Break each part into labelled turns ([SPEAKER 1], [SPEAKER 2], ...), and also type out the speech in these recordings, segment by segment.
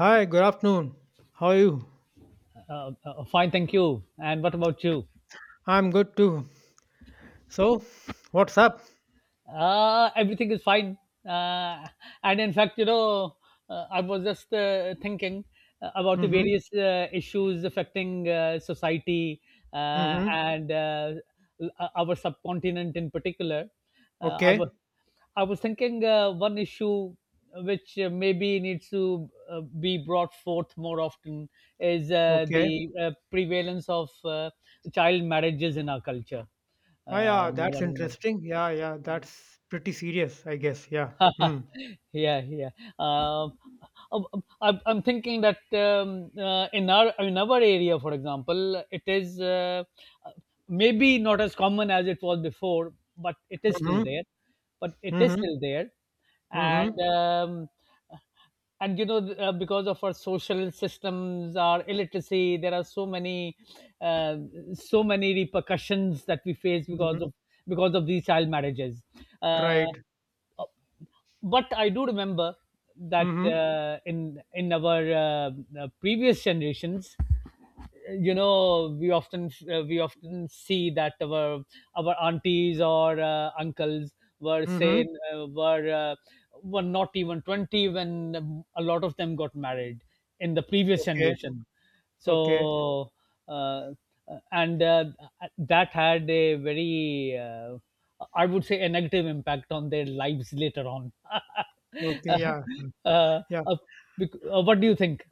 [SPEAKER 1] Hi, good afternoon. How are you?
[SPEAKER 2] Fine, thank you. And what about you?
[SPEAKER 1] I'm good too. So, what's up?
[SPEAKER 2] Everything is fine. Uh, and in fact, I was just thinking about the
[SPEAKER 1] Mm-hmm.
[SPEAKER 2] various issues affecting society uh,
[SPEAKER 1] Mm-hmm.
[SPEAKER 2] and uh, our subcontinent in particular. Uh, I
[SPEAKER 1] Okay.
[SPEAKER 2] was I was thinking one issue which maybe needs to be brought forth more often is uh,
[SPEAKER 1] Okay.
[SPEAKER 2] the uh, prevalence of child marriages in our culture.
[SPEAKER 1] Ah, yeah, that's
[SPEAKER 2] What is
[SPEAKER 1] interesting. Yeah, yeah,
[SPEAKER 2] it?
[SPEAKER 1] that's pretty serious, I guess. Yeah. Mm.
[SPEAKER 2] Yeah, yeah. Um, I'm thinking that in our area, for example, it is uh, maybe not as common as it was before, but it is still
[SPEAKER 1] Mm-hmm.
[SPEAKER 2] there. But it is
[SPEAKER 1] Mm-hmm.
[SPEAKER 2] still there, and
[SPEAKER 1] Mm-hmm.
[SPEAKER 2] um, and you know because of our social systems our illiteracy there are so many uh, so many repercussions that we face because
[SPEAKER 1] Mm-hmm.
[SPEAKER 2] of because of these child marriages uh,
[SPEAKER 1] Right.
[SPEAKER 2] but I do remember that
[SPEAKER 1] Mm-hmm.
[SPEAKER 2] in our previous generations, you know, we often see that our aunties or uncles were
[SPEAKER 1] Mm-hmm.
[SPEAKER 2] saying were not even 20 when a lot of them got married in the previous
[SPEAKER 1] Okay.
[SPEAKER 2] generation.
[SPEAKER 1] Okay.
[SPEAKER 2] So uh, and that had a very I would say a negative impact on their lives later on. uh,
[SPEAKER 1] Okay. Yeah.
[SPEAKER 2] uh,
[SPEAKER 1] Yeah.
[SPEAKER 2] uh, what do you think?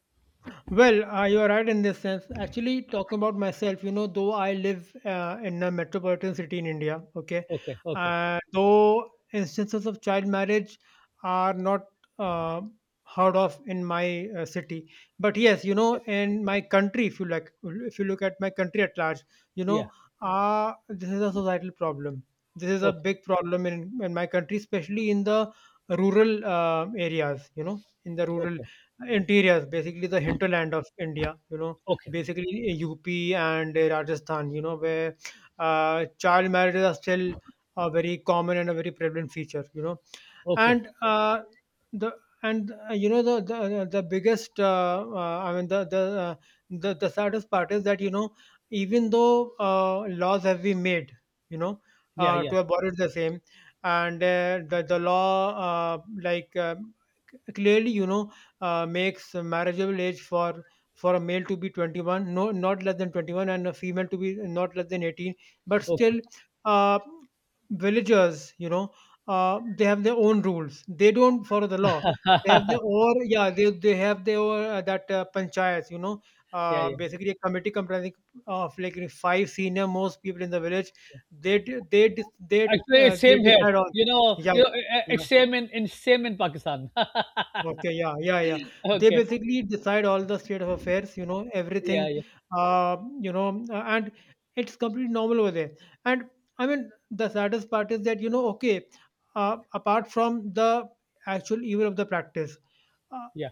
[SPEAKER 1] Well, you are right in this sense. Actually, talking about myself, you know, though I live in a metropolitan city in India, okay,
[SPEAKER 2] Okay, okay.
[SPEAKER 1] though instances of child marriage are not uh, heard of in my city, but yes, you know,
[SPEAKER 2] Okay,
[SPEAKER 1] in my country, if you like, if you look at my country at large, you know,
[SPEAKER 2] yeah.
[SPEAKER 1] this is a societal problem. This is a
[SPEAKER 2] Okay,
[SPEAKER 1] big problem in my country, especially in the rural areas, you know, in the rural
[SPEAKER 2] okay.
[SPEAKER 1] interiors, basically the hinterland of India, you know,
[SPEAKER 2] Okay,
[SPEAKER 1] basically UP and Rajasthan, you know, where child marriages are still a very common and a very prevalent feature, you know,
[SPEAKER 2] okay.
[SPEAKER 1] and the and you know the biggest I mean the saddest part is that you know even though laws have been made, you know,
[SPEAKER 2] Yeah, yeah.
[SPEAKER 1] to abolish the same, and the law uh, like. um clearly you know makes marriageable age for a male to be 21, no, not less than 21, and a female to be not less than 18. But
[SPEAKER 2] Okay.
[SPEAKER 1] still, uh, villagers, you know, they have their own rules, they don't follow the law. They have their or, yeah, they have their that panchayats, you know,
[SPEAKER 2] Yeah, yeah.
[SPEAKER 1] basically a committee comprising of like five senior most people in the village. They d- they dis-
[SPEAKER 2] Actually, it's
[SPEAKER 1] they
[SPEAKER 2] same here,
[SPEAKER 1] decide on,
[SPEAKER 2] you know.
[SPEAKER 1] yeah,
[SPEAKER 2] You
[SPEAKER 1] yeah.
[SPEAKER 2] It's
[SPEAKER 1] Yeah.
[SPEAKER 2] same in same in pakistan.
[SPEAKER 1] Okay, yeah, yeah, yeah. They
[SPEAKER 2] Okay.
[SPEAKER 1] basically decide all the state of affairs, you know,
[SPEAKER 2] Yeah,
[SPEAKER 1] everything,
[SPEAKER 2] yeah,
[SPEAKER 1] you know, and it's completely normal over there. And I mean, the saddest part is that, you know, okay, apart from the actual evil of the practice, uh,
[SPEAKER 2] yeah.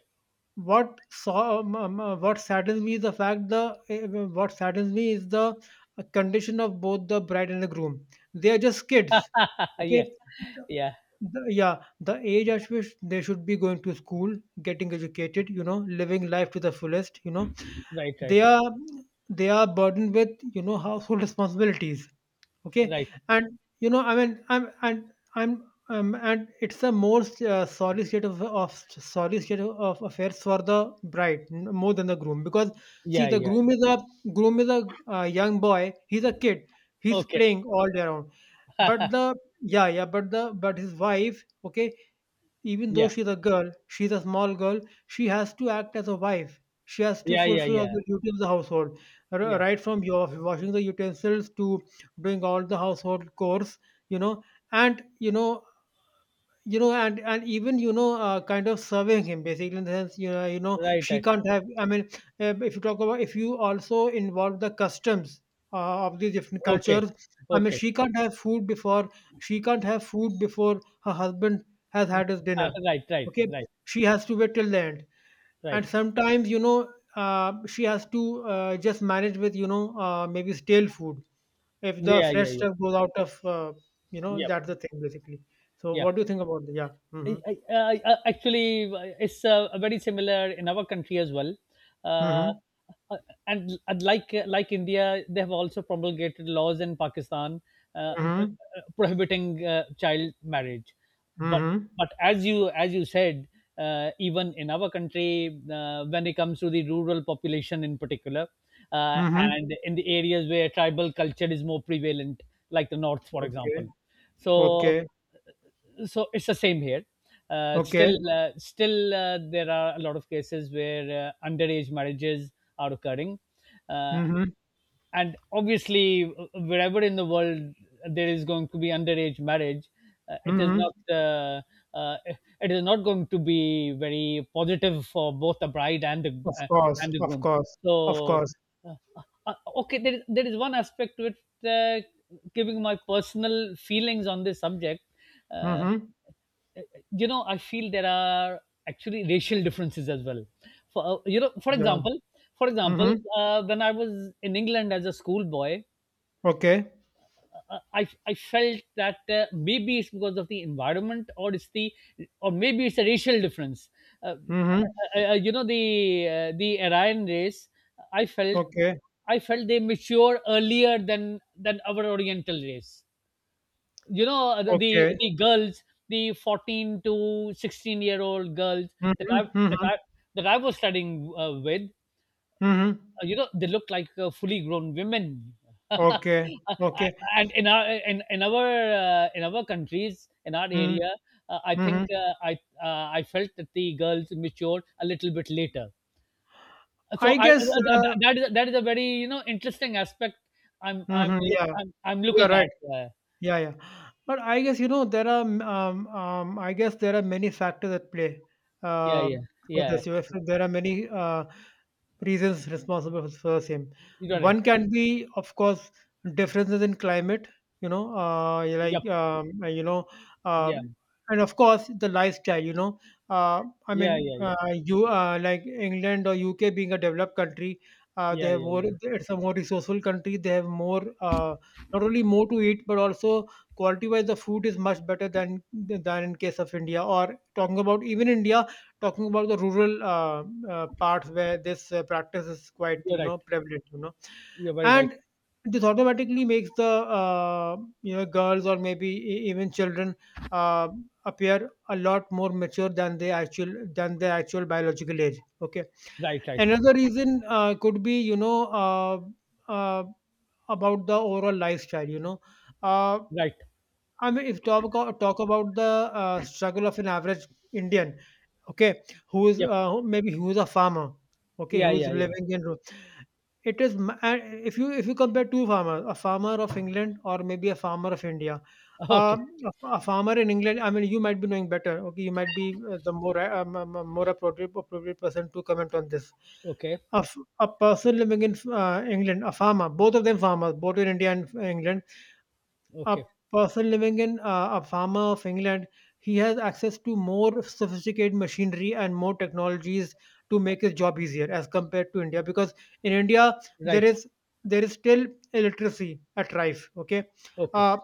[SPEAKER 1] what saddens me is the fact the what saddens me is the condition of both the bride and the groom. They are just kids, okay?
[SPEAKER 2] Yeah, yeah.
[SPEAKER 1] The Yeah, the age at which they should be going to school, getting educated, you know, living life to the fullest,
[SPEAKER 2] Right, right,
[SPEAKER 1] They are they are burdened with, household responsibilities, okay.
[SPEAKER 2] right.
[SPEAKER 1] And you know I mean I'm and it's a more of sorry state of affairs for the bride, more than the groom, because see
[SPEAKER 2] Yeah,
[SPEAKER 1] the
[SPEAKER 2] yeah.
[SPEAKER 1] groom is a young boy, he's a kid, he's
[SPEAKER 2] Okay.
[SPEAKER 1] playing all day around. But the, yeah, yeah, but the, but his wife, okay, even though
[SPEAKER 2] Yeah.
[SPEAKER 1] she's a girl, she's a small girl, she has to act as a wife. She has to
[SPEAKER 2] Yeah. Yeah.
[SPEAKER 1] fulfill all
[SPEAKER 2] Yeah.
[SPEAKER 1] the duties of the household,
[SPEAKER 2] Yeah.
[SPEAKER 1] right from your washing the utensils to doing all the household chores, you know. And you know and even you know kind of serving him, basically, in the sense, you know
[SPEAKER 2] Right.
[SPEAKER 1] she
[SPEAKER 2] Right.
[SPEAKER 1] can't have, I mean, if you talk about, if you also involve the customs of these different
[SPEAKER 2] Okay.
[SPEAKER 1] cultures, I mean
[SPEAKER 2] Okay.
[SPEAKER 1] she can't have food before her husband has had his dinner,
[SPEAKER 2] Right. Right.
[SPEAKER 1] okay.
[SPEAKER 2] Right.
[SPEAKER 1] She has to wait till the end, and
[SPEAKER 2] Right.
[SPEAKER 1] sometimes, you know, she has to just manage with, you know, maybe stale food if the
[SPEAKER 2] Yeah. Yeah.
[SPEAKER 1] fresh
[SPEAKER 2] Yeah.
[SPEAKER 1] stuff goes out.
[SPEAKER 2] Yep.
[SPEAKER 1] That's the thing, basically. So
[SPEAKER 2] Yeah.
[SPEAKER 1] what do you think about the, yeah? Mm-hmm.
[SPEAKER 2] Actually, it's very similar in our country as well. Uh,
[SPEAKER 1] Mm-hmm.
[SPEAKER 2] uh, and like India, they have also promulgated laws in Pakistan uh, uh, uh,
[SPEAKER 1] Mm-hmm.
[SPEAKER 2] prohibiting child marriage. But
[SPEAKER 1] Mm-hmm.
[SPEAKER 2] but as you said, even in our country, when it comes to the rural population in particular,
[SPEAKER 1] Mm-hmm.
[SPEAKER 2] and in the areas where tribal culture is more prevalent, like the north, for
[SPEAKER 1] Okay.
[SPEAKER 2] example, so
[SPEAKER 1] Okay.
[SPEAKER 2] so it's the same here.
[SPEAKER 1] Okay.
[SPEAKER 2] Still, there are a lot of cases where underage marriages are occurring, uh,
[SPEAKER 1] Mm-hmm.
[SPEAKER 2] and obviously, wherever in the world there is going to be underage marriage, uh, it is
[SPEAKER 1] Mm-hmm.
[SPEAKER 2] not uh, uh, it is not going to be very positive for both the bride
[SPEAKER 1] Of course.
[SPEAKER 2] and the
[SPEAKER 1] Of
[SPEAKER 2] groom.
[SPEAKER 1] course. Of
[SPEAKER 2] So,
[SPEAKER 1] course.
[SPEAKER 2] uh, okay, there is one aspect to it, uh, giving my personal feelings on this subject. uh,
[SPEAKER 1] Mm-hmm.
[SPEAKER 2] you know, I feel there are actually racial differences as well. For You know, for
[SPEAKER 1] Yeah.
[SPEAKER 2] example, for example,
[SPEAKER 1] Mm-hmm.
[SPEAKER 2] uh, when I was in England as a schoolboy,
[SPEAKER 1] Okay.
[SPEAKER 2] I felt that maybe it's because of the environment, or maybe it's a racial difference. Uh,
[SPEAKER 1] Mm-hmm.
[SPEAKER 2] you know, the Aryan race, I felt
[SPEAKER 1] Okay.
[SPEAKER 2] I felt they mature earlier than our Oriental race. You know, the the
[SPEAKER 1] Okay.
[SPEAKER 2] the girls, the 14 to 16 year old girls that
[SPEAKER 1] Mm-hmm.
[SPEAKER 2] i that
[SPEAKER 1] Mm-hmm.
[SPEAKER 2] i that I was studying with,
[SPEAKER 1] Mm-hmm.
[SPEAKER 2] you know, they look like fully grown women.
[SPEAKER 1] Okay.
[SPEAKER 2] Uh,
[SPEAKER 1] Okay.
[SPEAKER 2] and in our in, in our in our countries in our
[SPEAKER 1] Mm-hmm.
[SPEAKER 2] area, I think
[SPEAKER 1] Mm-hmm.
[SPEAKER 2] I I felt that the girls matured a little bit later.
[SPEAKER 1] I guess. Uh,
[SPEAKER 2] That is a very, you know, interesting aspect
[SPEAKER 1] mm-hmm. Yeah.
[SPEAKER 2] I'm
[SPEAKER 1] You're
[SPEAKER 2] looking
[SPEAKER 1] right.
[SPEAKER 2] at. uh,
[SPEAKER 1] Yeah, yeah. But I guess, you know, I guess there are many factors at play
[SPEAKER 2] yeah,
[SPEAKER 1] uh,
[SPEAKER 2] yeah,
[SPEAKER 1] for
[SPEAKER 2] yeah.
[SPEAKER 1] this. You know, so there are many reasons responsible for the same.
[SPEAKER 2] You're right.
[SPEAKER 1] One can be, of course, differences in climate, you know,
[SPEAKER 2] Yeah.
[SPEAKER 1] uh,
[SPEAKER 2] Yeah,
[SPEAKER 1] and of course, the lifestyle, you know. I
[SPEAKER 2] yeah,
[SPEAKER 1] mean,
[SPEAKER 2] yeah, yeah,
[SPEAKER 1] you like England or UK being a developed country, they
[SPEAKER 2] yeah,
[SPEAKER 1] have
[SPEAKER 2] yeah,
[SPEAKER 1] more,
[SPEAKER 2] yeah.
[SPEAKER 1] it's a more resourceful country, they have more. Not only more to eat but also quality wise the food is much better than in case of India, or talking about even India, talking about the rural parts where this practice is quite,
[SPEAKER 2] You're
[SPEAKER 1] you
[SPEAKER 2] right.
[SPEAKER 1] know, prevalent, you know.
[SPEAKER 2] You're very right.
[SPEAKER 1] And this automatically makes the uh, you know, girls, or maybe, even children, uh, appear a lot more mature than they actual, than their actual biological age, okay.
[SPEAKER 2] Right, right,
[SPEAKER 1] Another reason could be, you know, uh, about the overall lifestyle. You know, uh,
[SPEAKER 2] right.
[SPEAKER 1] I mean, if talk about, talk about the struggle of an average Indian, okay, who is
[SPEAKER 2] Yep.
[SPEAKER 1] maybe who is a farmer, okay,
[SPEAKER 2] Yeah,
[SPEAKER 1] who is
[SPEAKER 2] yeah, yeah.
[SPEAKER 1] living in rural. It is and if you, if you compare two farmers, a farmer of England or maybe a farmer of India.
[SPEAKER 2] Okay,
[SPEAKER 1] Uh, a a farmer in England, I mean, you might be knowing better. Okay, you might be the more more appropriate, appropriate person to comment on this
[SPEAKER 2] okay,
[SPEAKER 1] of a person living in England, a farmer, both of them farmers, both in India and England, a
[SPEAKER 2] okay.
[SPEAKER 1] person living in a farmer of England, he has access to more sophisticated machinery and more technologies to make his job easier as compared to India. Because in India, there
[SPEAKER 2] Right.
[SPEAKER 1] is there is still illiteracy at rife. Okay,
[SPEAKER 2] Okay.
[SPEAKER 1] uh,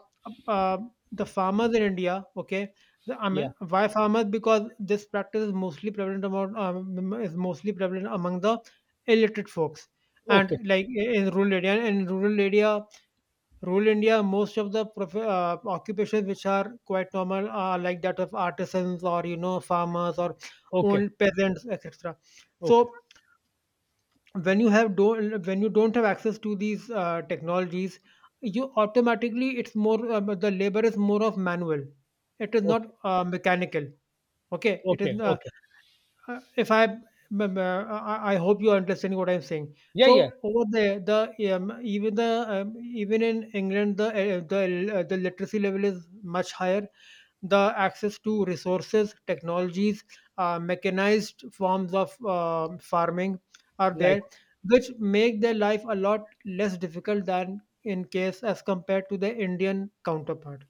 [SPEAKER 1] uh, the farmers in India. Okay, I
[SPEAKER 2] Yeah.
[SPEAKER 1] mean, why farmers? Because this practice is mostly prevalent among, is mostly prevalent among the illiterate folks, and
[SPEAKER 2] Okay.
[SPEAKER 1] like in rural area, and in rural area, rural India, most of the occupations which are quite normal are like that of artisans or, you know, farmers or
[SPEAKER 2] Okay.
[SPEAKER 1] old peasants, etc.
[SPEAKER 2] Okay.
[SPEAKER 1] So when you have don't, when you don't have access to these technologies, you automatically, it's more, the labor is more of manual. It is not
[SPEAKER 2] Okay.
[SPEAKER 1] mechanical. Okay, it is.
[SPEAKER 2] Okay. Okay.
[SPEAKER 1] If I remember, I hope you are understanding what I'm saying.
[SPEAKER 2] Yeah, yeah.
[SPEAKER 1] So over there, the, even the, even in England, the the literacy level is much higher. The access to resources, technologies, mechanized forms of farming are
[SPEAKER 2] Right.
[SPEAKER 1] there, which make their life a lot less difficult than in case, as compared to the Indian counterpart.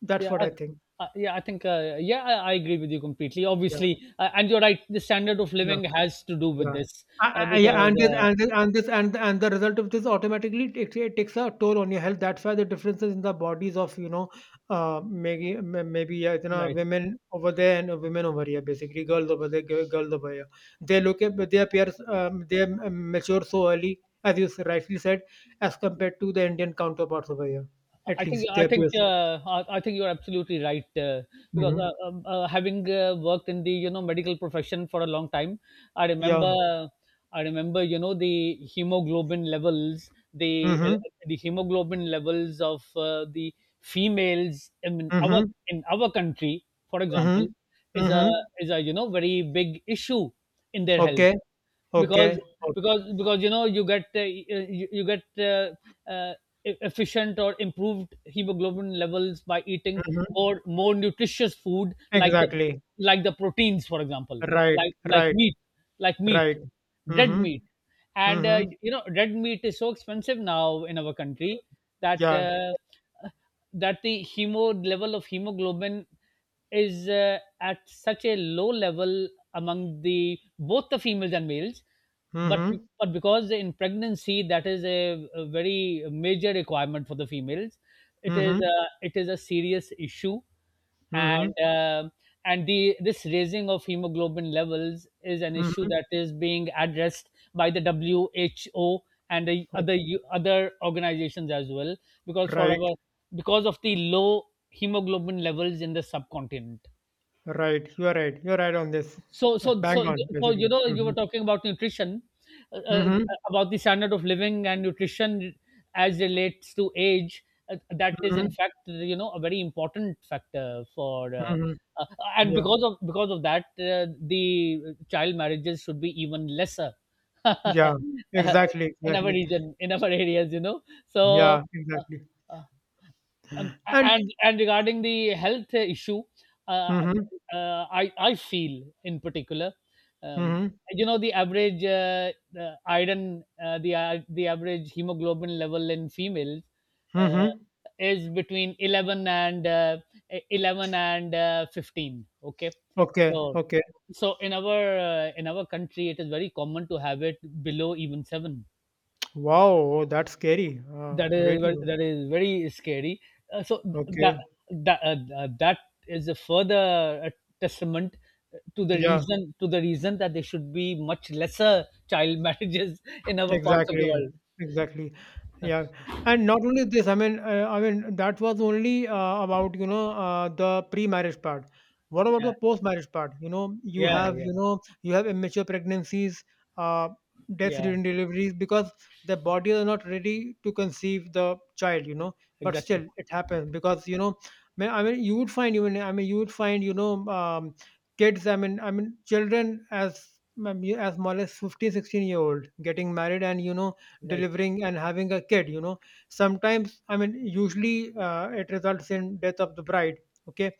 [SPEAKER 1] That's
[SPEAKER 2] Yeah.
[SPEAKER 1] what I think.
[SPEAKER 2] Yeah, I think. Yeah, I agree with you completely.
[SPEAKER 1] Yeah,
[SPEAKER 2] Obviously, and you're right. The standard of
[SPEAKER 1] yeah.
[SPEAKER 2] living has to do with
[SPEAKER 1] Yeah.
[SPEAKER 2] this,
[SPEAKER 1] I yeah, and this
[SPEAKER 2] because
[SPEAKER 1] and this and this and the result of this automatically takes, it takes a toll on your health. That's why the differences in the bodies of, you know, maybe, yeah, you know,
[SPEAKER 2] right.
[SPEAKER 1] women over there and women over here, basically girls over there, girls over here. They look at they appear, they mature so early, as you rightly said, as compared to the Indian counterparts over here.
[SPEAKER 2] I
[SPEAKER 1] At
[SPEAKER 2] think
[SPEAKER 1] least they
[SPEAKER 2] I think
[SPEAKER 1] appear.
[SPEAKER 2] uh, I I think you're absolutely right. Because
[SPEAKER 1] Hmm.
[SPEAKER 2] Having worked in the, you know, medical profession for a long time, I
[SPEAKER 1] Yeah.
[SPEAKER 2] remember I remember you know
[SPEAKER 1] Mm-hmm.
[SPEAKER 2] the hemoglobin levels of the females
[SPEAKER 1] Mm-hmm.
[SPEAKER 2] in our country, for example,
[SPEAKER 1] Mm-hmm.
[SPEAKER 2] is a
[SPEAKER 1] Mm-hmm.
[SPEAKER 2] is a, you know, very big issue in their health
[SPEAKER 1] Okay.
[SPEAKER 2] because
[SPEAKER 1] Okay. Okay.
[SPEAKER 2] you know you get you, you get uh, efficient or improved hemoglobin levels by eating
[SPEAKER 1] Mm-hmm.
[SPEAKER 2] more nutritious food like the
[SPEAKER 1] Exactly.
[SPEAKER 2] proteins, for example,
[SPEAKER 1] Right,
[SPEAKER 2] like
[SPEAKER 1] right,
[SPEAKER 2] meat, meat,
[SPEAKER 1] right.
[SPEAKER 2] red
[SPEAKER 1] Mm-hmm.
[SPEAKER 2] meat. And
[SPEAKER 1] Mm-hmm.
[SPEAKER 2] you know red meat is so expensive now in our country that
[SPEAKER 1] Yeah.
[SPEAKER 2] that the hemo level of hemoglobin is at such a low level among the both the females and males, but
[SPEAKER 1] Mm-hmm.
[SPEAKER 2] because in pregnancy that is a very major requirement for the females,
[SPEAKER 1] Mm-hmm.
[SPEAKER 2] it is a serious issue.
[SPEAKER 1] Mm-hmm.
[SPEAKER 2] and uh, and the, this raising of hemoglobin levels is an issue
[SPEAKER 1] Mm-hmm.
[SPEAKER 2] that is being addressed by the WHO and the other
[SPEAKER 1] Okay.
[SPEAKER 2] other organizations as well, because for
[SPEAKER 1] Right,
[SPEAKER 2] our, because of the low hemoglobin levels in the subcontinent.
[SPEAKER 1] right. You're right. You're right on this.
[SPEAKER 2] so so
[SPEAKER 1] Bang
[SPEAKER 2] so
[SPEAKER 1] on,
[SPEAKER 2] so you
[SPEAKER 1] basically.
[SPEAKER 2] know you
[SPEAKER 1] Mm-hmm.
[SPEAKER 2] were talking about nutrition, uh, uh,
[SPEAKER 1] Mm-hmm.
[SPEAKER 2] about the standard of living and nutrition as relates to age. That is in
[SPEAKER 1] Mm-hmm.
[SPEAKER 2] fact, you know, a very important factor for,
[SPEAKER 1] Mm-hmm.
[SPEAKER 2] uh, and
[SPEAKER 1] Yeah.
[SPEAKER 2] because of, because of that, the child marriages should be even lesser,
[SPEAKER 1] Yeah.
[SPEAKER 2] uh,
[SPEAKER 1] Exactly.
[SPEAKER 2] in our
[SPEAKER 1] Exactly.
[SPEAKER 2] region in our areas, you know. So,
[SPEAKER 1] Yeah.
[SPEAKER 2] uh,
[SPEAKER 1] Exactly.
[SPEAKER 2] uh,
[SPEAKER 1] And
[SPEAKER 2] and regarding the health issue, uh,
[SPEAKER 1] mm-hmm.
[SPEAKER 2] I feel in particular, um,
[SPEAKER 1] Mm-hmm.
[SPEAKER 2] you know, the average the iron, the I- the average hemoglobin level in females uh,
[SPEAKER 1] Mm-hmm.
[SPEAKER 2] is between 11 and 15. Okay,
[SPEAKER 1] Okay.
[SPEAKER 2] so
[SPEAKER 1] Okay.
[SPEAKER 2] in our country, it is very common to have it below even seven.
[SPEAKER 1] Wow. That's scary. Really.
[SPEAKER 2] That is very scary. Uh, so th- that
[SPEAKER 1] Okay.
[SPEAKER 2] that uh, that is a further uh, testament to the
[SPEAKER 1] Yeah.
[SPEAKER 2] reason, to the reason that there should be much lesser child marriages in other parts of the
[SPEAKER 1] Exactly,
[SPEAKER 2] world.
[SPEAKER 1] exactly. Yeah, and not only this. I mean that was only about, you know, the pre-marriage part. What about
[SPEAKER 2] Yeah,
[SPEAKER 1] the post-marriage part? You know,
[SPEAKER 2] yeah, yeah,
[SPEAKER 1] you have immature pregnancies, uh, deaths
[SPEAKER 2] yeah.
[SPEAKER 1] during deliveries because the body is not ready to conceive the child. You know, but
[SPEAKER 2] Exactly.
[SPEAKER 1] still it happens because you know. I mean, you would find, even I mean, you would find, you know, kids, I mean, I mean children as, as small as 15, 16 year old, getting married and, you know,
[SPEAKER 2] Right.
[SPEAKER 1] delivering and having a kid, you know. Sometimes, I mean, usually, it results in death of the bride, okay.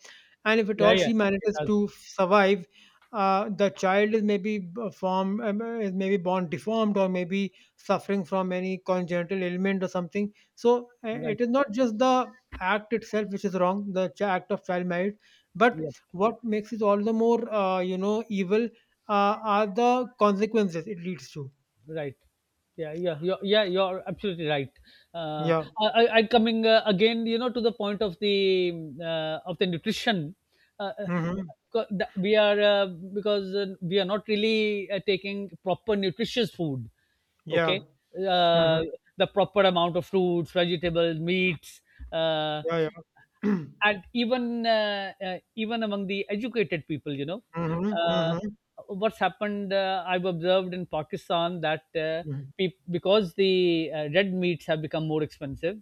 [SPEAKER 1] And if at
[SPEAKER 2] Yeah,
[SPEAKER 1] all
[SPEAKER 2] yeah.
[SPEAKER 1] she
[SPEAKER 2] It
[SPEAKER 1] manages
[SPEAKER 2] does.
[SPEAKER 1] to survive, the child is maybe b- form is maybe born deformed or maybe suffering from any congenital ailment or something. So it
[SPEAKER 2] Right.
[SPEAKER 1] is not just the act itself which is wrong, the act of child marriage, but
[SPEAKER 2] Yeah.
[SPEAKER 1] what makes it all the more you know, evil, are the consequences it leads to.
[SPEAKER 2] Right. Yeah, yeah, you're absolutely right. Uh,
[SPEAKER 1] Yeah.
[SPEAKER 2] I coming again, you know, to the point of the nutrition. Uh, uh,
[SPEAKER 1] Mm-hmm.
[SPEAKER 2] because that we are because we are not really taking proper nutritious food.
[SPEAKER 1] Yeah.
[SPEAKER 2] Okay,
[SPEAKER 1] Mm-hmm.
[SPEAKER 2] uh, the proper amount of fruits, vegetables, meats. Uh,
[SPEAKER 1] Yeah, yeah. Mm-hmm.
[SPEAKER 2] and even even among the educated people, you know, uh,
[SPEAKER 1] Mm-hmm.
[SPEAKER 2] what's happened, I've observed in pakistan that peop because the red meats have become more expensive,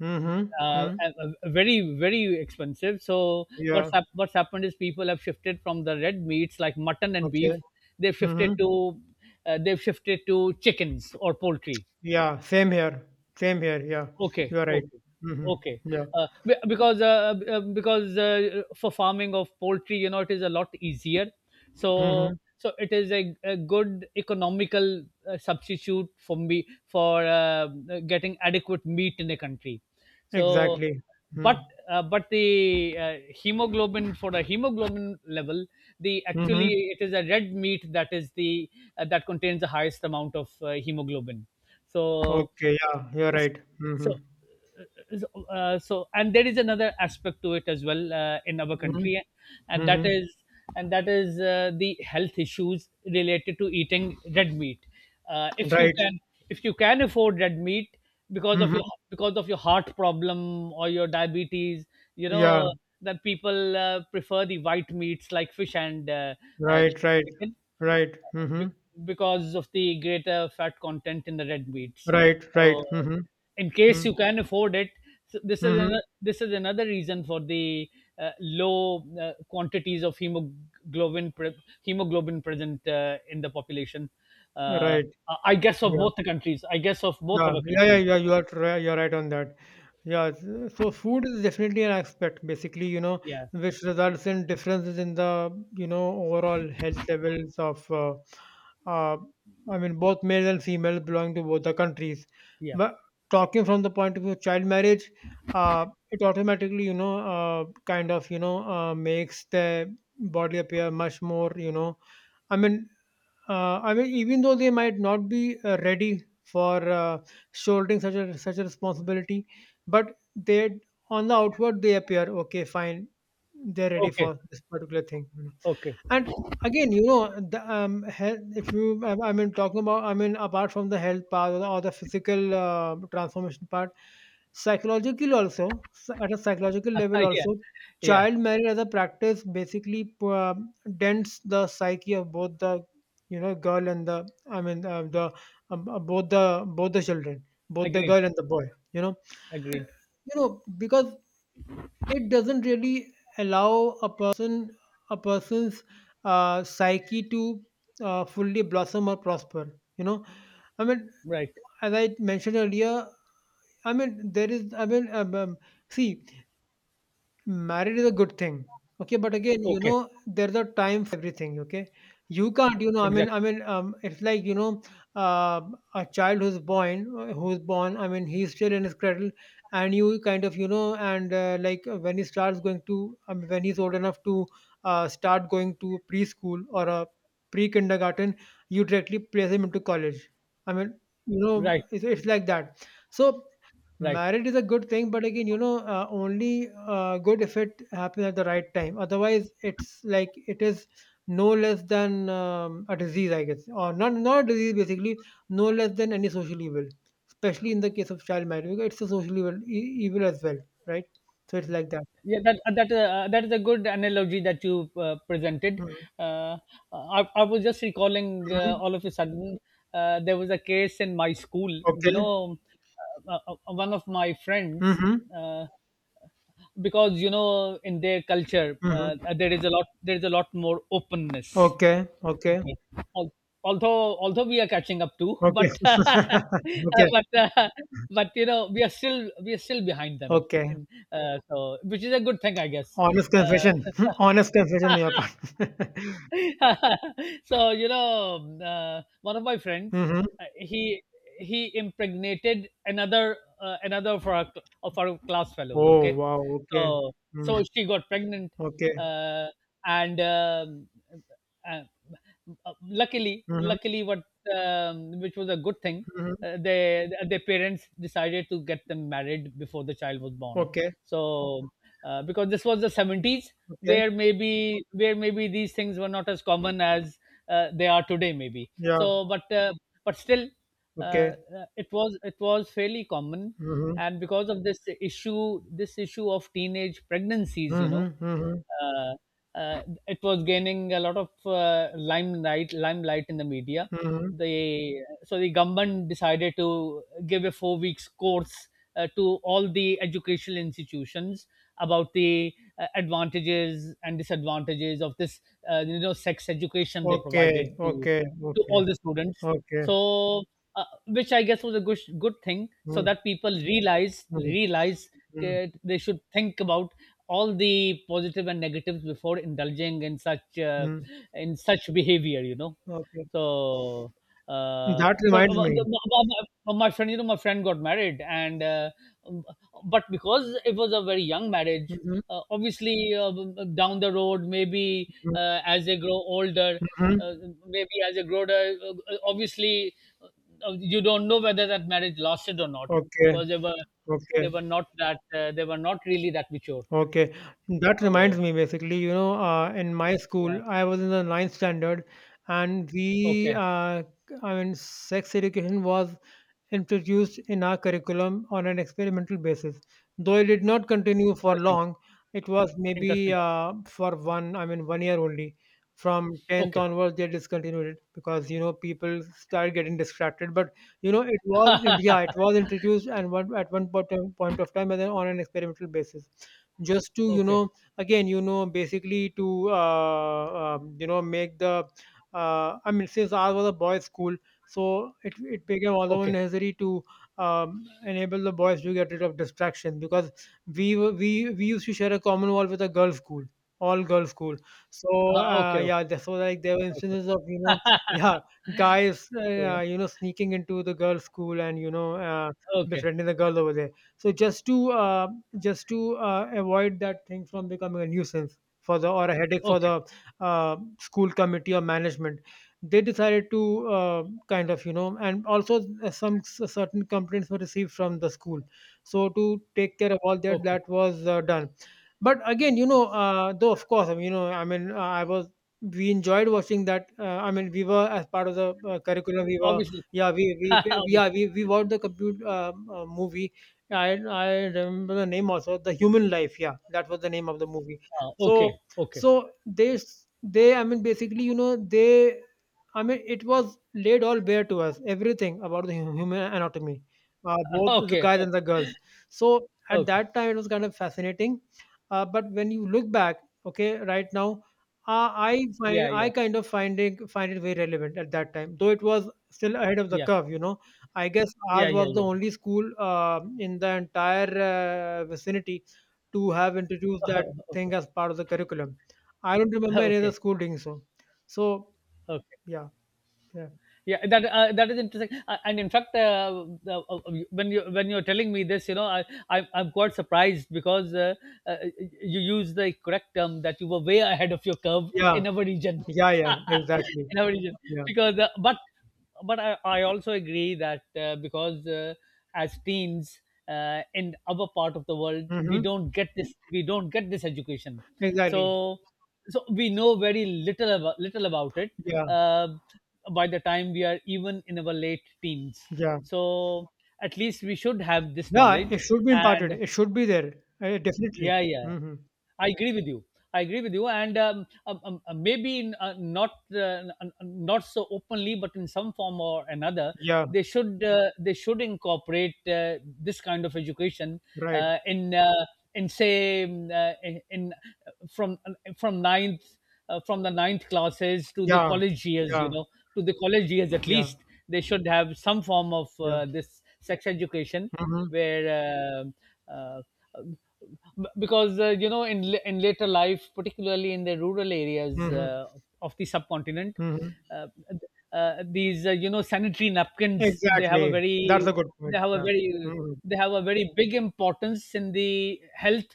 [SPEAKER 1] Mm-hmm.
[SPEAKER 2] uh, uh,
[SPEAKER 1] Hmm.
[SPEAKER 2] uh, very very expensive. So
[SPEAKER 1] Yeah.
[SPEAKER 2] what's happened is people have shifted from the red meats like mutton and
[SPEAKER 1] Okay.
[SPEAKER 2] beef, they've shifted
[SPEAKER 1] Mm-hmm.
[SPEAKER 2] to uh, they've shifted to chickens or poultry.
[SPEAKER 1] Yeah, same here, same here, yeah.
[SPEAKER 2] Okay,
[SPEAKER 1] You are right.
[SPEAKER 2] okay,
[SPEAKER 1] Mm-hmm.
[SPEAKER 2] okay.
[SPEAKER 1] Yeah.
[SPEAKER 2] Because because for farming of poultry, you know, it is a lot easier.
[SPEAKER 1] Mm-hmm.
[SPEAKER 2] So it is a good economical substitute for me for getting adequate meat in the country. So,
[SPEAKER 1] Exactly.
[SPEAKER 2] but
[SPEAKER 1] Mm-hmm.
[SPEAKER 2] but the hemoglobin level, the
[SPEAKER 1] Mm-hmm.
[SPEAKER 2] actually it is a red meat that is the that contains the highest amount of hemoglobin. So
[SPEAKER 1] Okay, yeah, you're right. Mm-hmm.
[SPEAKER 2] so and there is another aspect to it as well, in our
[SPEAKER 1] Mm-hmm.
[SPEAKER 2] country, and that
[SPEAKER 1] Mm-hmm.
[SPEAKER 2] is and that is the health issues related to eating red meat. uh, if you
[SPEAKER 1] Right.
[SPEAKER 2] can if you can afford red meat, because of your,
[SPEAKER 1] Mm-hmm.
[SPEAKER 2] because of your heart problem or your diabetes, you
[SPEAKER 1] Yeah,
[SPEAKER 2] know, that people prefer the white meats like fish and
[SPEAKER 1] right, right,
[SPEAKER 2] chicken,
[SPEAKER 1] right. mm-hmm.
[SPEAKER 2] bec- because of the greater fat content in the red meats.
[SPEAKER 1] Right, right.
[SPEAKER 2] So,
[SPEAKER 1] Mhm.
[SPEAKER 2] in case
[SPEAKER 1] Mm,
[SPEAKER 2] you can afford it, so this is
[SPEAKER 1] mhm.
[SPEAKER 2] an, this is another reason for the low quantities of hemoglobin hemoglobin present in the population. Uh,
[SPEAKER 1] Right.
[SPEAKER 2] I guess of
[SPEAKER 1] Yeah.
[SPEAKER 2] both the countries. I guess of both
[SPEAKER 1] Yeah.
[SPEAKER 2] our
[SPEAKER 1] Yeah, yeah,
[SPEAKER 2] countries.
[SPEAKER 1] yeah. You are right. You're right on that. Yeah, so food is definitely an aspect, basically,
[SPEAKER 2] Yeah,
[SPEAKER 1] which results in differences in the, overall health levels of, uh, I mean, both males and females belonging to both the countries.
[SPEAKER 2] yeah.
[SPEAKER 1] But talking from the point of view of child marriage, uh, it automatically, kind of, makes the body appear much more, I mean, even though they might not be ready for shouldering such a responsibility, but they, on the outward, they appear okay, fine, they're ready
[SPEAKER 2] Okay,
[SPEAKER 1] for this particular thing.
[SPEAKER 2] okay.
[SPEAKER 1] And again, the, health, if you, I mean, talking about, I mean, apart from the health part or the physical transformation part, psychologically also, at a psychological level
[SPEAKER 2] Yeah,
[SPEAKER 1] also,
[SPEAKER 2] yeah.
[SPEAKER 1] child marriage as a practice basically dents the psyche of both the, you know, girl and the, I mean, the, um, uh, both the both the children, both the
[SPEAKER 2] Agreed,
[SPEAKER 1] girl and the boy you know
[SPEAKER 2] agreed.
[SPEAKER 1] you know, because it doesn't really allow a person, a person's psyche to fully blossom or prosper you know I mean,
[SPEAKER 2] Right.
[SPEAKER 1] as I mentioned earlier, I mean, there is, I mean, see, married is a good thing. Okay, but again, you
[SPEAKER 2] Okay,
[SPEAKER 1] know, there's a time for everything. Okay, you can't, I mean, I
[SPEAKER 2] exactly.
[SPEAKER 1] mean, um, it's like, uh, a child who's born. I mean, he's still in his cradle, and you kind of, and like when he starts going to, I mean, when he's old enough to start going to preschool or a pre-kindergarten, you directly place him into college. I mean, you know,
[SPEAKER 2] Right,
[SPEAKER 1] it's like that. So,
[SPEAKER 2] right.
[SPEAKER 1] marriage is a good thing, but again, only good if it happens at the right time. Otherwise, it's like it is no less than a disease, I guess, or not a disease basically, no less than any social evil, especially in the case of child marriage, because it's a social evil, evil as well, right? So it's like that.
[SPEAKER 2] Yeah, that that is a good analogy that you presented.
[SPEAKER 1] Hmm.
[SPEAKER 2] uh, I was just recalling
[SPEAKER 1] Mm-hmm.
[SPEAKER 2] all of a sudden there was a case in my school, you
[SPEAKER 1] Okay.
[SPEAKER 2] know, one of my friends,
[SPEAKER 1] Mm-hmm.
[SPEAKER 2] uh, because you know in their culture
[SPEAKER 1] Mm-hmm.
[SPEAKER 2] there is a lot more openness.
[SPEAKER 1] Okay. Okay.
[SPEAKER 2] Okay. Al- although we are catching up too,
[SPEAKER 1] Okay.
[SPEAKER 2] but
[SPEAKER 1] Okay.
[SPEAKER 2] but uh, but you know we are still, we are still behind them
[SPEAKER 1] Okay.
[SPEAKER 2] in so which is a good thing I guess.
[SPEAKER 1] Honest
[SPEAKER 2] Uh,
[SPEAKER 1] confession. Honest confession on your part.
[SPEAKER 2] one of my friends
[SPEAKER 1] Mhm.
[SPEAKER 2] uh, he he impregnated another of our class fellows,
[SPEAKER 1] Oh,
[SPEAKER 2] okay.
[SPEAKER 1] wow, okay.
[SPEAKER 2] So so
[SPEAKER 1] Mm.
[SPEAKER 2] she got pregnant,
[SPEAKER 1] Okay.
[SPEAKER 2] uh, and uh, luckily
[SPEAKER 1] Mhm,
[SPEAKER 2] luckily what which was a good thing,
[SPEAKER 1] mhm.
[SPEAKER 2] they their parents decided to get them married before the child was born.
[SPEAKER 1] Okay,
[SPEAKER 2] so because this was the 70s,
[SPEAKER 1] okay.
[SPEAKER 2] where maybe these things were not as common as they are today, maybe,
[SPEAKER 1] Yeah,
[SPEAKER 2] but still,
[SPEAKER 1] okay.
[SPEAKER 2] it was fairly common.
[SPEAKER 1] Mhm,
[SPEAKER 2] And because of this issue of teenage pregnancies
[SPEAKER 1] mhm, mhm,
[SPEAKER 2] uh, it was gaining a lot of limelight in the media.
[SPEAKER 1] mhm.
[SPEAKER 2] The so the government decided to give a 4 weeks course to all the educational institutions about the advantages and disadvantages of this. Sex education they
[SPEAKER 1] Okay,
[SPEAKER 2] provided to
[SPEAKER 1] okay, okay,
[SPEAKER 2] all the students.
[SPEAKER 1] okay.
[SPEAKER 2] so which, I guess, was a good thing, so
[SPEAKER 1] Mm,
[SPEAKER 2] that people realize
[SPEAKER 1] mm,
[SPEAKER 2] realize
[SPEAKER 1] mm,
[SPEAKER 2] that they should think about all the positive and negatives before indulging in such uh,
[SPEAKER 1] mm.
[SPEAKER 2] in such behavior you know
[SPEAKER 1] Okay.
[SPEAKER 2] so uh,
[SPEAKER 1] That
[SPEAKER 2] so uh,
[SPEAKER 1] reminds me.
[SPEAKER 2] well, my friend, my friend got married, and um, but because it was a very young marriage,
[SPEAKER 1] Mhm,
[SPEAKER 2] obviously, down the road, maybe,
[SPEAKER 1] mhm,
[SPEAKER 2] as they grow older, uh,
[SPEAKER 1] mhm.
[SPEAKER 2] maybe as they grow older, obviously, uh, you don't know whether that marriage lasted or not,
[SPEAKER 1] Okay,
[SPEAKER 2] because they were
[SPEAKER 1] okay,
[SPEAKER 2] they were not that they were not really that mature.
[SPEAKER 1] okay. That reminds
[SPEAKER 2] So
[SPEAKER 1] me basically, in my
[SPEAKER 2] yeah,
[SPEAKER 1] school, I was in the ninth standard, and we,
[SPEAKER 2] okay,
[SPEAKER 1] I mean, sex education was introduced in our curriculum on an experimental basis. Though it did not continue for
[SPEAKER 2] interesting,
[SPEAKER 1] long, it was maybe
[SPEAKER 2] interesting.
[SPEAKER 1] for one, I mean, one year only. From 10th
[SPEAKER 2] Okay,
[SPEAKER 1] onwards, they discontinued it because, people started getting distracted. But you know, it was, yeah, it was introduced, and one point of time, and then on an experimental basis, just to, you
[SPEAKER 2] okay,
[SPEAKER 1] know, again, you know, basically to, you know, make the, I mean, since ours was a boys' school, so it became also
[SPEAKER 2] okay,
[SPEAKER 1] necessary to enable the boys to get rid of distraction because we were- we used to share a common wall with a girls' school, all girls' school. So
[SPEAKER 2] okay, okay,
[SPEAKER 1] yeah, so, like, there were
[SPEAKER 2] okay,
[SPEAKER 1] instances of, you know, yeah, guys
[SPEAKER 2] yeah,
[SPEAKER 1] you know, sneaking into the girls' school, and,
[SPEAKER 2] okay,
[SPEAKER 1] befriending the girl over there. So just to avoid that thing from becoming a nuisance for the, or a headache for
[SPEAKER 2] okay,
[SPEAKER 1] the school committee or management, they decided to kind of, you know, and also some certain complaints were received from the school. So to take care of all that,
[SPEAKER 2] okay.
[SPEAKER 1] that was done. But again, though of course, I mean, I was we enjoyed watching that. I mean, we were, as part of the curriculum. We were,
[SPEAKER 2] Obviously.
[SPEAKER 1] yeah, we we, we yeah
[SPEAKER 2] Obviously.
[SPEAKER 1] we we watched the computer movie. Yeah, I remember the name also. The Human Life. Yeah, that was the name of the movie.
[SPEAKER 2] Oh,
[SPEAKER 1] So,
[SPEAKER 2] okay, okay,
[SPEAKER 1] so they s- they I mean basically, you know, they, I mean, it was laid all bare to us, everything about the human anatomy, both the
[SPEAKER 2] okay,
[SPEAKER 1] guys and the
[SPEAKER 2] okay,
[SPEAKER 1] girls. So at
[SPEAKER 2] okay.
[SPEAKER 1] that time it was kind of fascinating, but when you look back, okay, right now.
[SPEAKER 2] Yeah,
[SPEAKER 1] I
[SPEAKER 2] yeah,
[SPEAKER 1] kind of finding find it very relevant at that time, though it was still ahead of the
[SPEAKER 2] yeah,
[SPEAKER 1] curve, you know. I guess
[SPEAKER 2] yeah,
[SPEAKER 1] ours
[SPEAKER 2] yeah,
[SPEAKER 1] was the
[SPEAKER 2] yeah.
[SPEAKER 1] only school, in the entire vicinity, to have introduced that
[SPEAKER 2] Okay,
[SPEAKER 1] thing as part of the curriculum. I don't remember any other
[SPEAKER 2] okay,
[SPEAKER 1] school doing so. So,
[SPEAKER 2] okay.
[SPEAKER 1] yeah, yeah,
[SPEAKER 2] That is interesting. And in fact the- When you're telling me this, I'm quite surprised, because uh, you use the correct term, that you were way ahead of your curve
[SPEAKER 1] yeah,
[SPEAKER 2] in our region,
[SPEAKER 1] yeah, yeah, exactly.
[SPEAKER 2] in our region,
[SPEAKER 1] Yeah.
[SPEAKER 2] because but I also agree that because as teens, in our part of the world we
[SPEAKER 1] Hmm,
[SPEAKER 2] don't get this education.
[SPEAKER 1] exactly.
[SPEAKER 2] So so we know very little about it,
[SPEAKER 1] Yeah,
[SPEAKER 2] uh, by the time we are even in our late teens.
[SPEAKER 1] yeah,
[SPEAKER 2] So at least we should have this
[SPEAKER 1] yeah. It
[SPEAKER 2] knowledge.
[SPEAKER 1] should be imparted.
[SPEAKER 2] And
[SPEAKER 1] It should be there. Definitely.
[SPEAKER 2] yeah, yeah,
[SPEAKER 1] Hmm.
[SPEAKER 2] I agree with you. I agree with you. And maybe in, not n- n- not so openly, but in some form or another,
[SPEAKER 1] Yeah.
[SPEAKER 2] they should incorporate this kind of education
[SPEAKER 1] Right.
[SPEAKER 2] uh, in uh, in say in- uh, from uh, from ninth, from the ninth classes to the
[SPEAKER 1] Yeah.
[SPEAKER 2] college years, you
[SPEAKER 1] Yeah.
[SPEAKER 2] know, to the college years at
[SPEAKER 1] Yeah.
[SPEAKER 2] least, they should have some form of
[SPEAKER 1] Yeah.
[SPEAKER 2] this sex education
[SPEAKER 1] Hmm.
[SPEAKER 2] where, uh, uh, because, you know, in later life, particularly in the rural areas
[SPEAKER 1] Hmm.
[SPEAKER 2] of the subcontinent,
[SPEAKER 1] Hmm.
[SPEAKER 2] uh, these, you know, sanitary napkins,
[SPEAKER 1] Exactly. That's a good
[SPEAKER 2] they
[SPEAKER 1] point.
[SPEAKER 2] have a
[SPEAKER 1] Yeah.
[SPEAKER 2] very,
[SPEAKER 1] Mm-hmm.
[SPEAKER 2] they have a very big importance in the health,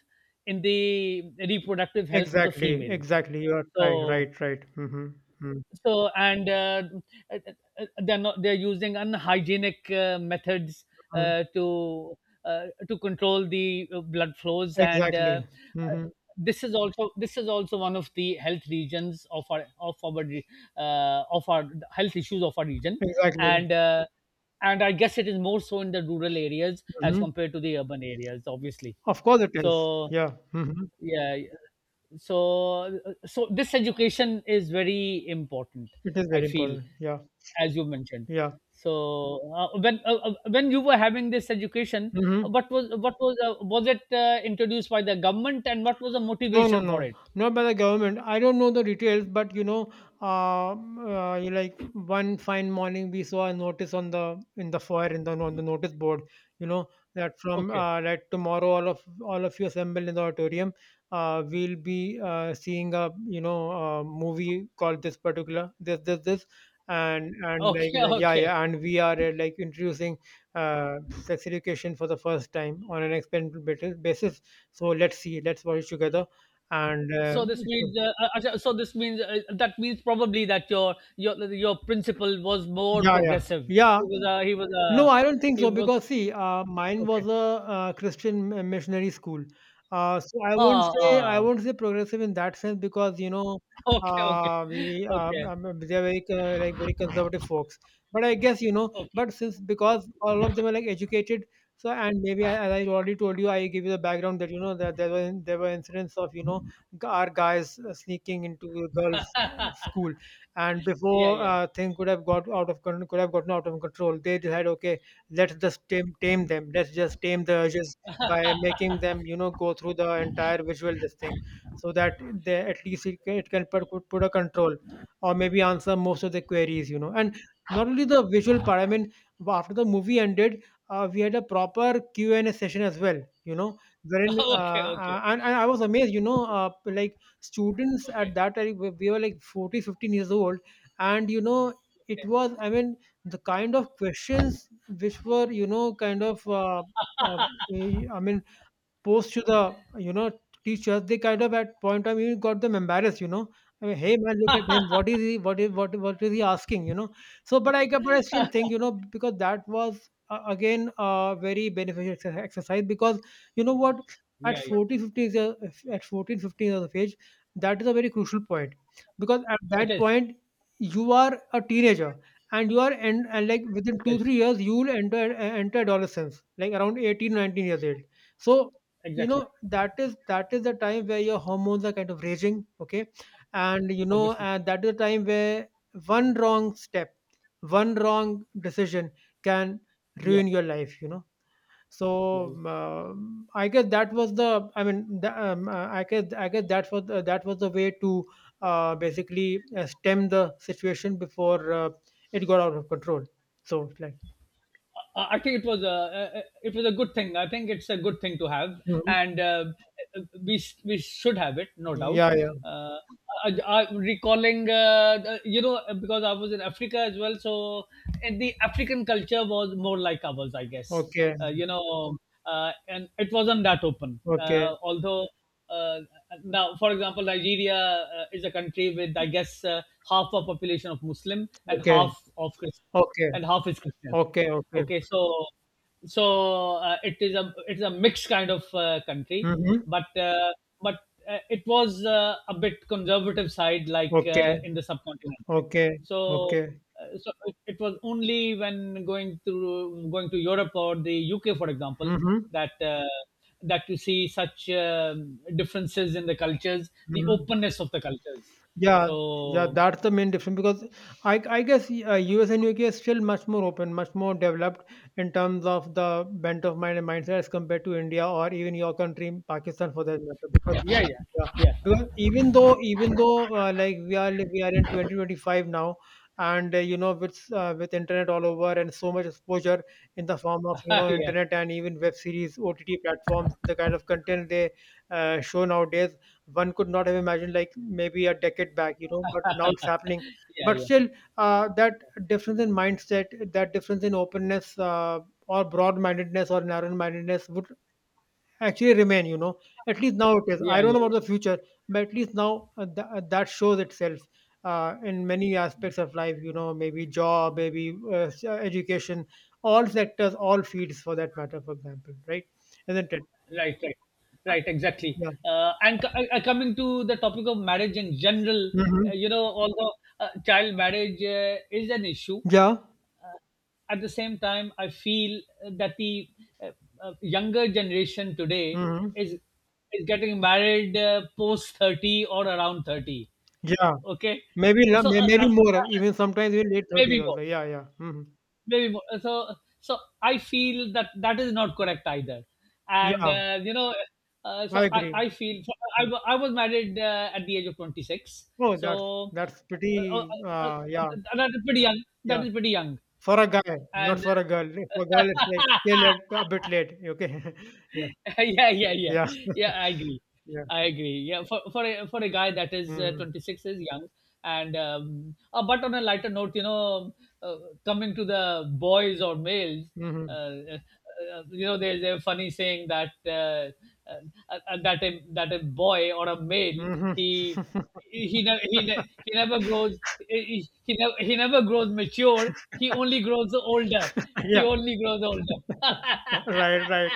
[SPEAKER 2] in the reproductive health of the
[SPEAKER 1] Exactly,
[SPEAKER 2] female.
[SPEAKER 1] exactly. You are right,
[SPEAKER 2] So
[SPEAKER 1] right, right. Mm-hmm.
[SPEAKER 2] so and They're not, they're using unhygienic methods
[SPEAKER 1] Mm-hmm.
[SPEAKER 2] uh, to to control the blood flows, and
[SPEAKER 1] Exactly.
[SPEAKER 2] uh,
[SPEAKER 1] Mm-hmm.
[SPEAKER 2] this is also one of the health regions of our re- of our health issues of our region.
[SPEAKER 1] Exactly.
[SPEAKER 2] and uh, and I guess it is more so in the rural areas as
[SPEAKER 1] Mm-hmm.
[SPEAKER 2] compared to the urban areas, obviously.
[SPEAKER 1] Of course it is.
[SPEAKER 2] So
[SPEAKER 1] Yeah. Mm-hmm.
[SPEAKER 2] yeah, so so this education is very important,
[SPEAKER 1] It is
[SPEAKER 2] I
[SPEAKER 1] very
[SPEAKER 2] feel,
[SPEAKER 1] important. Yeah.
[SPEAKER 2] as you mentioned.
[SPEAKER 1] Yeah.
[SPEAKER 2] So when you were having this education,
[SPEAKER 1] Mm-hmm.
[SPEAKER 2] what was was it introduced by the government, and what was the
[SPEAKER 1] No, no,
[SPEAKER 2] motivation for
[SPEAKER 1] no,
[SPEAKER 2] it?
[SPEAKER 1] not by the government. I don't know the details, but, you know, you, like, one fine morning we saw a notice on the, in the foyer, in the, on the notice board. You know that, from
[SPEAKER 2] Okay,
[SPEAKER 1] that tomorrow all of you assembled in the auditorium. We'll be seeing a, you know, a movie called this particular, this, and like
[SPEAKER 2] okay,
[SPEAKER 1] like yeah,
[SPEAKER 2] okay.
[SPEAKER 1] yeah, and we are like, introducing sex education for the first time on an experimental basis. So let's see, let's watch it together, and
[SPEAKER 2] So this means, Asha, so this means, that means probably that your principal was more
[SPEAKER 1] yeah, yeah,
[SPEAKER 2] progressive.
[SPEAKER 1] yeah.
[SPEAKER 2] he was a he was
[SPEAKER 1] No,
[SPEAKER 2] a
[SPEAKER 1] I don't think
[SPEAKER 2] he
[SPEAKER 1] so,
[SPEAKER 2] was
[SPEAKER 1] because, see, mine was
[SPEAKER 2] Okay,
[SPEAKER 1] a, Christian missionary school, so I won't
[SPEAKER 2] ah,
[SPEAKER 1] say,
[SPEAKER 2] ah,
[SPEAKER 1] progressive in that sense, because, you know,
[SPEAKER 2] okay, okay,
[SPEAKER 1] we
[SPEAKER 2] okay.
[SPEAKER 1] they're very like, very conservative folks. But I guess, you know,
[SPEAKER 2] Okay.
[SPEAKER 1] but since, because, all of them are, like, educated, so, and maybe, as I already told you, I give you the background that, you know, that there were incidents of, you know, our guys sneaking into a girls school, and
[SPEAKER 2] Yeah,
[SPEAKER 1] before
[SPEAKER 2] yeah.
[SPEAKER 1] thing could have, got out of con- could have gotten out of control, they decided, okay, let's just tame them, let's just tame the urges, by making them, you know, go through the entire visual, this thing, so that they, at least, it can put, put a control, or maybe answer most of the queries, you know. And not only the visual part, I mean, after the movie ended, we had a proper Q&A session as well, you know, wherein,
[SPEAKER 2] Okay, okay.
[SPEAKER 1] and I was amazed, you know,
[SPEAKER 2] Okay.
[SPEAKER 1] like, students at
[SPEAKER 2] Okay.
[SPEAKER 1] that time, we were like 40, 15 years old, and you know, it
[SPEAKER 2] Okay.
[SPEAKER 1] was, I mean, the kind of questions, which were, you know, kind of, uh, I mean, post to the, you know, teachers, they kind of, at point time, even got them embarrassed. You know, I mean, hey man, look at him. What is he? What is he asking? You know. So, but I still think, you know, because that was, again, a very beneficial exercise because, you know what, at
[SPEAKER 2] Yeah, yeah.
[SPEAKER 1] 14 15 years- at 14-15 years of age, that is a very crucial point, because at
[SPEAKER 2] It
[SPEAKER 1] that
[SPEAKER 2] is.
[SPEAKER 1] point you are a teenager, and you are, and, like, within
[SPEAKER 2] It
[SPEAKER 1] two
[SPEAKER 2] is.
[SPEAKER 1] three years you will enter adolescence, like around 18-19 years old. So you know,
[SPEAKER 2] Exactly.
[SPEAKER 1] that is the time where your hormones are kind of raging, okay. And you know,
[SPEAKER 2] Obviously.
[SPEAKER 1] and that is the time where one wrong step, one wrong decision can
[SPEAKER 2] Yeah.
[SPEAKER 1] ruin your life, you know. So,
[SPEAKER 2] Yeah, yeah.
[SPEAKER 1] I guess that was the, I mean, the, I guess that was the way to, basically, stem the situation before it got out of control. So it's like,
[SPEAKER 2] I think it was a good thing. I think it's a good thing to have,
[SPEAKER 1] Mhm.
[SPEAKER 2] and we should have it, no doubt.
[SPEAKER 1] Yeah, yeah.
[SPEAKER 2] Uh, I, recalling, you know, because I was in Africa as well, so, and the African culture was more like ours, I guess.
[SPEAKER 1] Okay,
[SPEAKER 2] You know, and it wasn't that open.
[SPEAKER 1] okay,
[SPEAKER 2] Although, uh, now, for example, Nigeria is a country with, I guess, half a population of Muslim and
[SPEAKER 1] okay,
[SPEAKER 2] half of Christian,
[SPEAKER 1] okay,
[SPEAKER 2] and half is Christian.
[SPEAKER 1] okay, okay.
[SPEAKER 2] Okay, so it is a, it's a mixed kind of country,
[SPEAKER 1] Mhm.
[SPEAKER 2] but uh, but it was, a bit conservative side, like,
[SPEAKER 1] Okay.
[SPEAKER 2] in the subcontinent.
[SPEAKER 1] Okay.
[SPEAKER 2] So
[SPEAKER 1] Okay.
[SPEAKER 2] so it was only when going to Europe or the UK, for example,
[SPEAKER 1] Mhm.
[SPEAKER 2] that that you see such differences in the cultures, the
[SPEAKER 1] Mhm.
[SPEAKER 2] openness of the cultures.
[SPEAKER 1] Yeah. Yeah.
[SPEAKER 2] So
[SPEAKER 1] That's the main difference because I guess, US and UK is still much more open, much more developed in terms of the bent of mind and mindset as compared to India or even your country, Pakistan, for that matter.
[SPEAKER 2] yeah,
[SPEAKER 1] Because...
[SPEAKER 2] yeah,
[SPEAKER 1] Yeah,
[SPEAKER 2] yeah,
[SPEAKER 1] because even though, like, we are, we are in 2025 now, and you know, with internet all over and so much exposure in the form of, you
[SPEAKER 2] yeah,
[SPEAKER 1] know,
[SPEAKER 2] yeah,
[SPEAKER 1] internet, and even web series, OTT platforms, the kind of content they show nowadays, one could not have imagined, like, maybe a decade back, you know. But now it's happening.
[SPEAKER 2] yeah,
[SPEAKER 1] But
[SPEAKER 2] yeah,
[SPEAKER 1] still, that difference in mindset, that difference in openness, or broad-mindedness or narrow-mindedness, would actually remain, you know. At least now it is, I
[SPEAKER 2] yeah,
[SPEAKER 1] don't know about
[SPEAKER 2] yeah.
[SPEAKER 1] the future, but at least now, that shows itself in many aspects of life, you know, maybe job, maybe, education, all sectors, all fields, for that matter, for example, right? Isn't it?
[SPEAKER 2] Right, right, right, exactly.
[SPEAKER 1] Yeah.
[SPEAKER 2] Coming to the topic of marriage in general,
[SPEAKER 1] Hmm.
[SPEAKER 2] you know, although child marriage is an issue,
[SPEAKER 1] Yeah.
[SPEAKER 2] at the same time, I feel that the uh, younger generation today
[SPEAKER 1] Hmm.
[SPEAKER 2] is is getting married post 30, or around 30.
[SPEAKER 1] Yeah.
[SPEAKER 2] Okay,
[SPEAKER 1] Maybe,
[SPEAKER 2] so
[SPEAKER 1] maybe more, even sometimes in late 30s
[SPEAKER 2] maybe more.
[SPEAKER 1] also. Yeah, yeah. Hmm.
[SPEAKER 2] maybe more- so so I feel that that is not correct either, and
[SPEAKER 1] Yeah,
[SPEAKER 2] you know, uh, so
[SPEAKER 1] I
[SPEAKER 2] i
[SPEAKER 1] agree.
[SPEAKER 2] i feel so.
[SPEAKER 1] Mm.
[SPEAKER 2] I was married at the age of 26.
[SPEAKER 1] Oh, that's
[SPEAKER 2] so
[SPEAKER 1] that's
[SPEAKER 2] uh, uh,
[SPEAKER 1] pretty
[SPEAKER 2] uh, uh,
[SPEAKER 1] yeah,
[SPEAKER 2] that is pretty young, that
[SPEAKER 1] yeah.
[SPEAKER 2] is pretty young,
[SPEAKER 1] For a guy, not
[SPEAKER 2] and
[SPEAKER 1] for a girl. For girl, it's like till a bit late. Okay. Yeah,
[SPEAKER 2] yeah, yeah, yeah,
[SPEAKER 1] yeah.
[SPEAKER 2] yeah. I agree.
[SPEAKER 1] Yeah.
[SPEAKER 2] I agree. Yeah, for, for a guy that is,
[SPEAKER 1] Mhm,
[SPEAKER 2] 26 is young, and but on a lighter note, you know, uh, coming to the boys or males,
[SPEAKER 1] mhm,
[SPEAKER 2] uh, uh, you know, there's a funny saying that uh, uh, that a boy or a male,
[SPEAKER 1] mhm.
[SPEAKER 2] he he ne- he, ne- he never grows mature. He only grows older. He only grows older.
[SPEAKER 1] Right, right.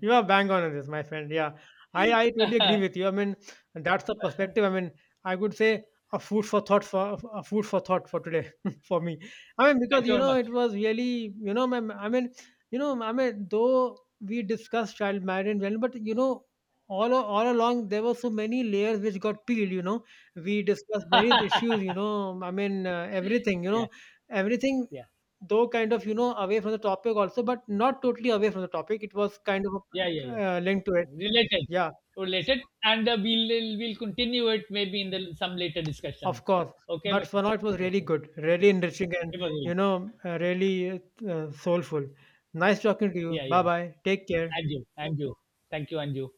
[SPEAKER 1] You are bang on this, my friend. Yeah, I totally agree with you. I mean, that's the perspective. I mean, I would say, a food for thought, for today, for me. I mean, because,
[SPEAKER 2] Thank you
[SPEAKER 1] you
[SPEAKER 2] very
[SPEAKER 1] know,
[SPEAKER 2] much.
[SPEAKER 1] it was really, you know, my, I mean, you know, I mean, though we discussed child marriage well, but, you know, all along, there were so many layers which got peeled. You know, we discussed various issues. You know, I mean, everything. You
[SPEAKER 2] Yeah,
[SPEAKER 1] know, everything,
[SPEAKER 2] yeah,
[SPEAKER 1] though kind of, you know, away from the topic also, but not totally away from the topic, it was kind of
[SPEAKER 2] yeah, yeah, yeah.
[SPEAKER 1] linked to it.
[SPEAKER 2] Related,
[SPEAKER 1] Yeah,
[SPEAKER 2] related, and we'll continue it maybe in the some later discussion.
[SPEAKER 1] of course.
[SPEAKER 2] Okay,
[SPEAKER 1] But
[SPEAKER 2] but
[SPEAKER 1] for now, it was really
[SPEAKER 2] okay,
[SPEAKER 1] good, really enriching, and
[SPEAKER 2] it was really
[SPEAKER 1] you
[SPEAKER 2] good.
[SPEAKER 1] know, really soulful. Nice talking to you.
[SPEAKER 2] Yeah,
[SPEAKER 1] Bye,
[SPEAKER 2] yeah.
[SPEAKER 1] bye. Take care.
[SPEAKER 2] And you, and you. Thank you, and you.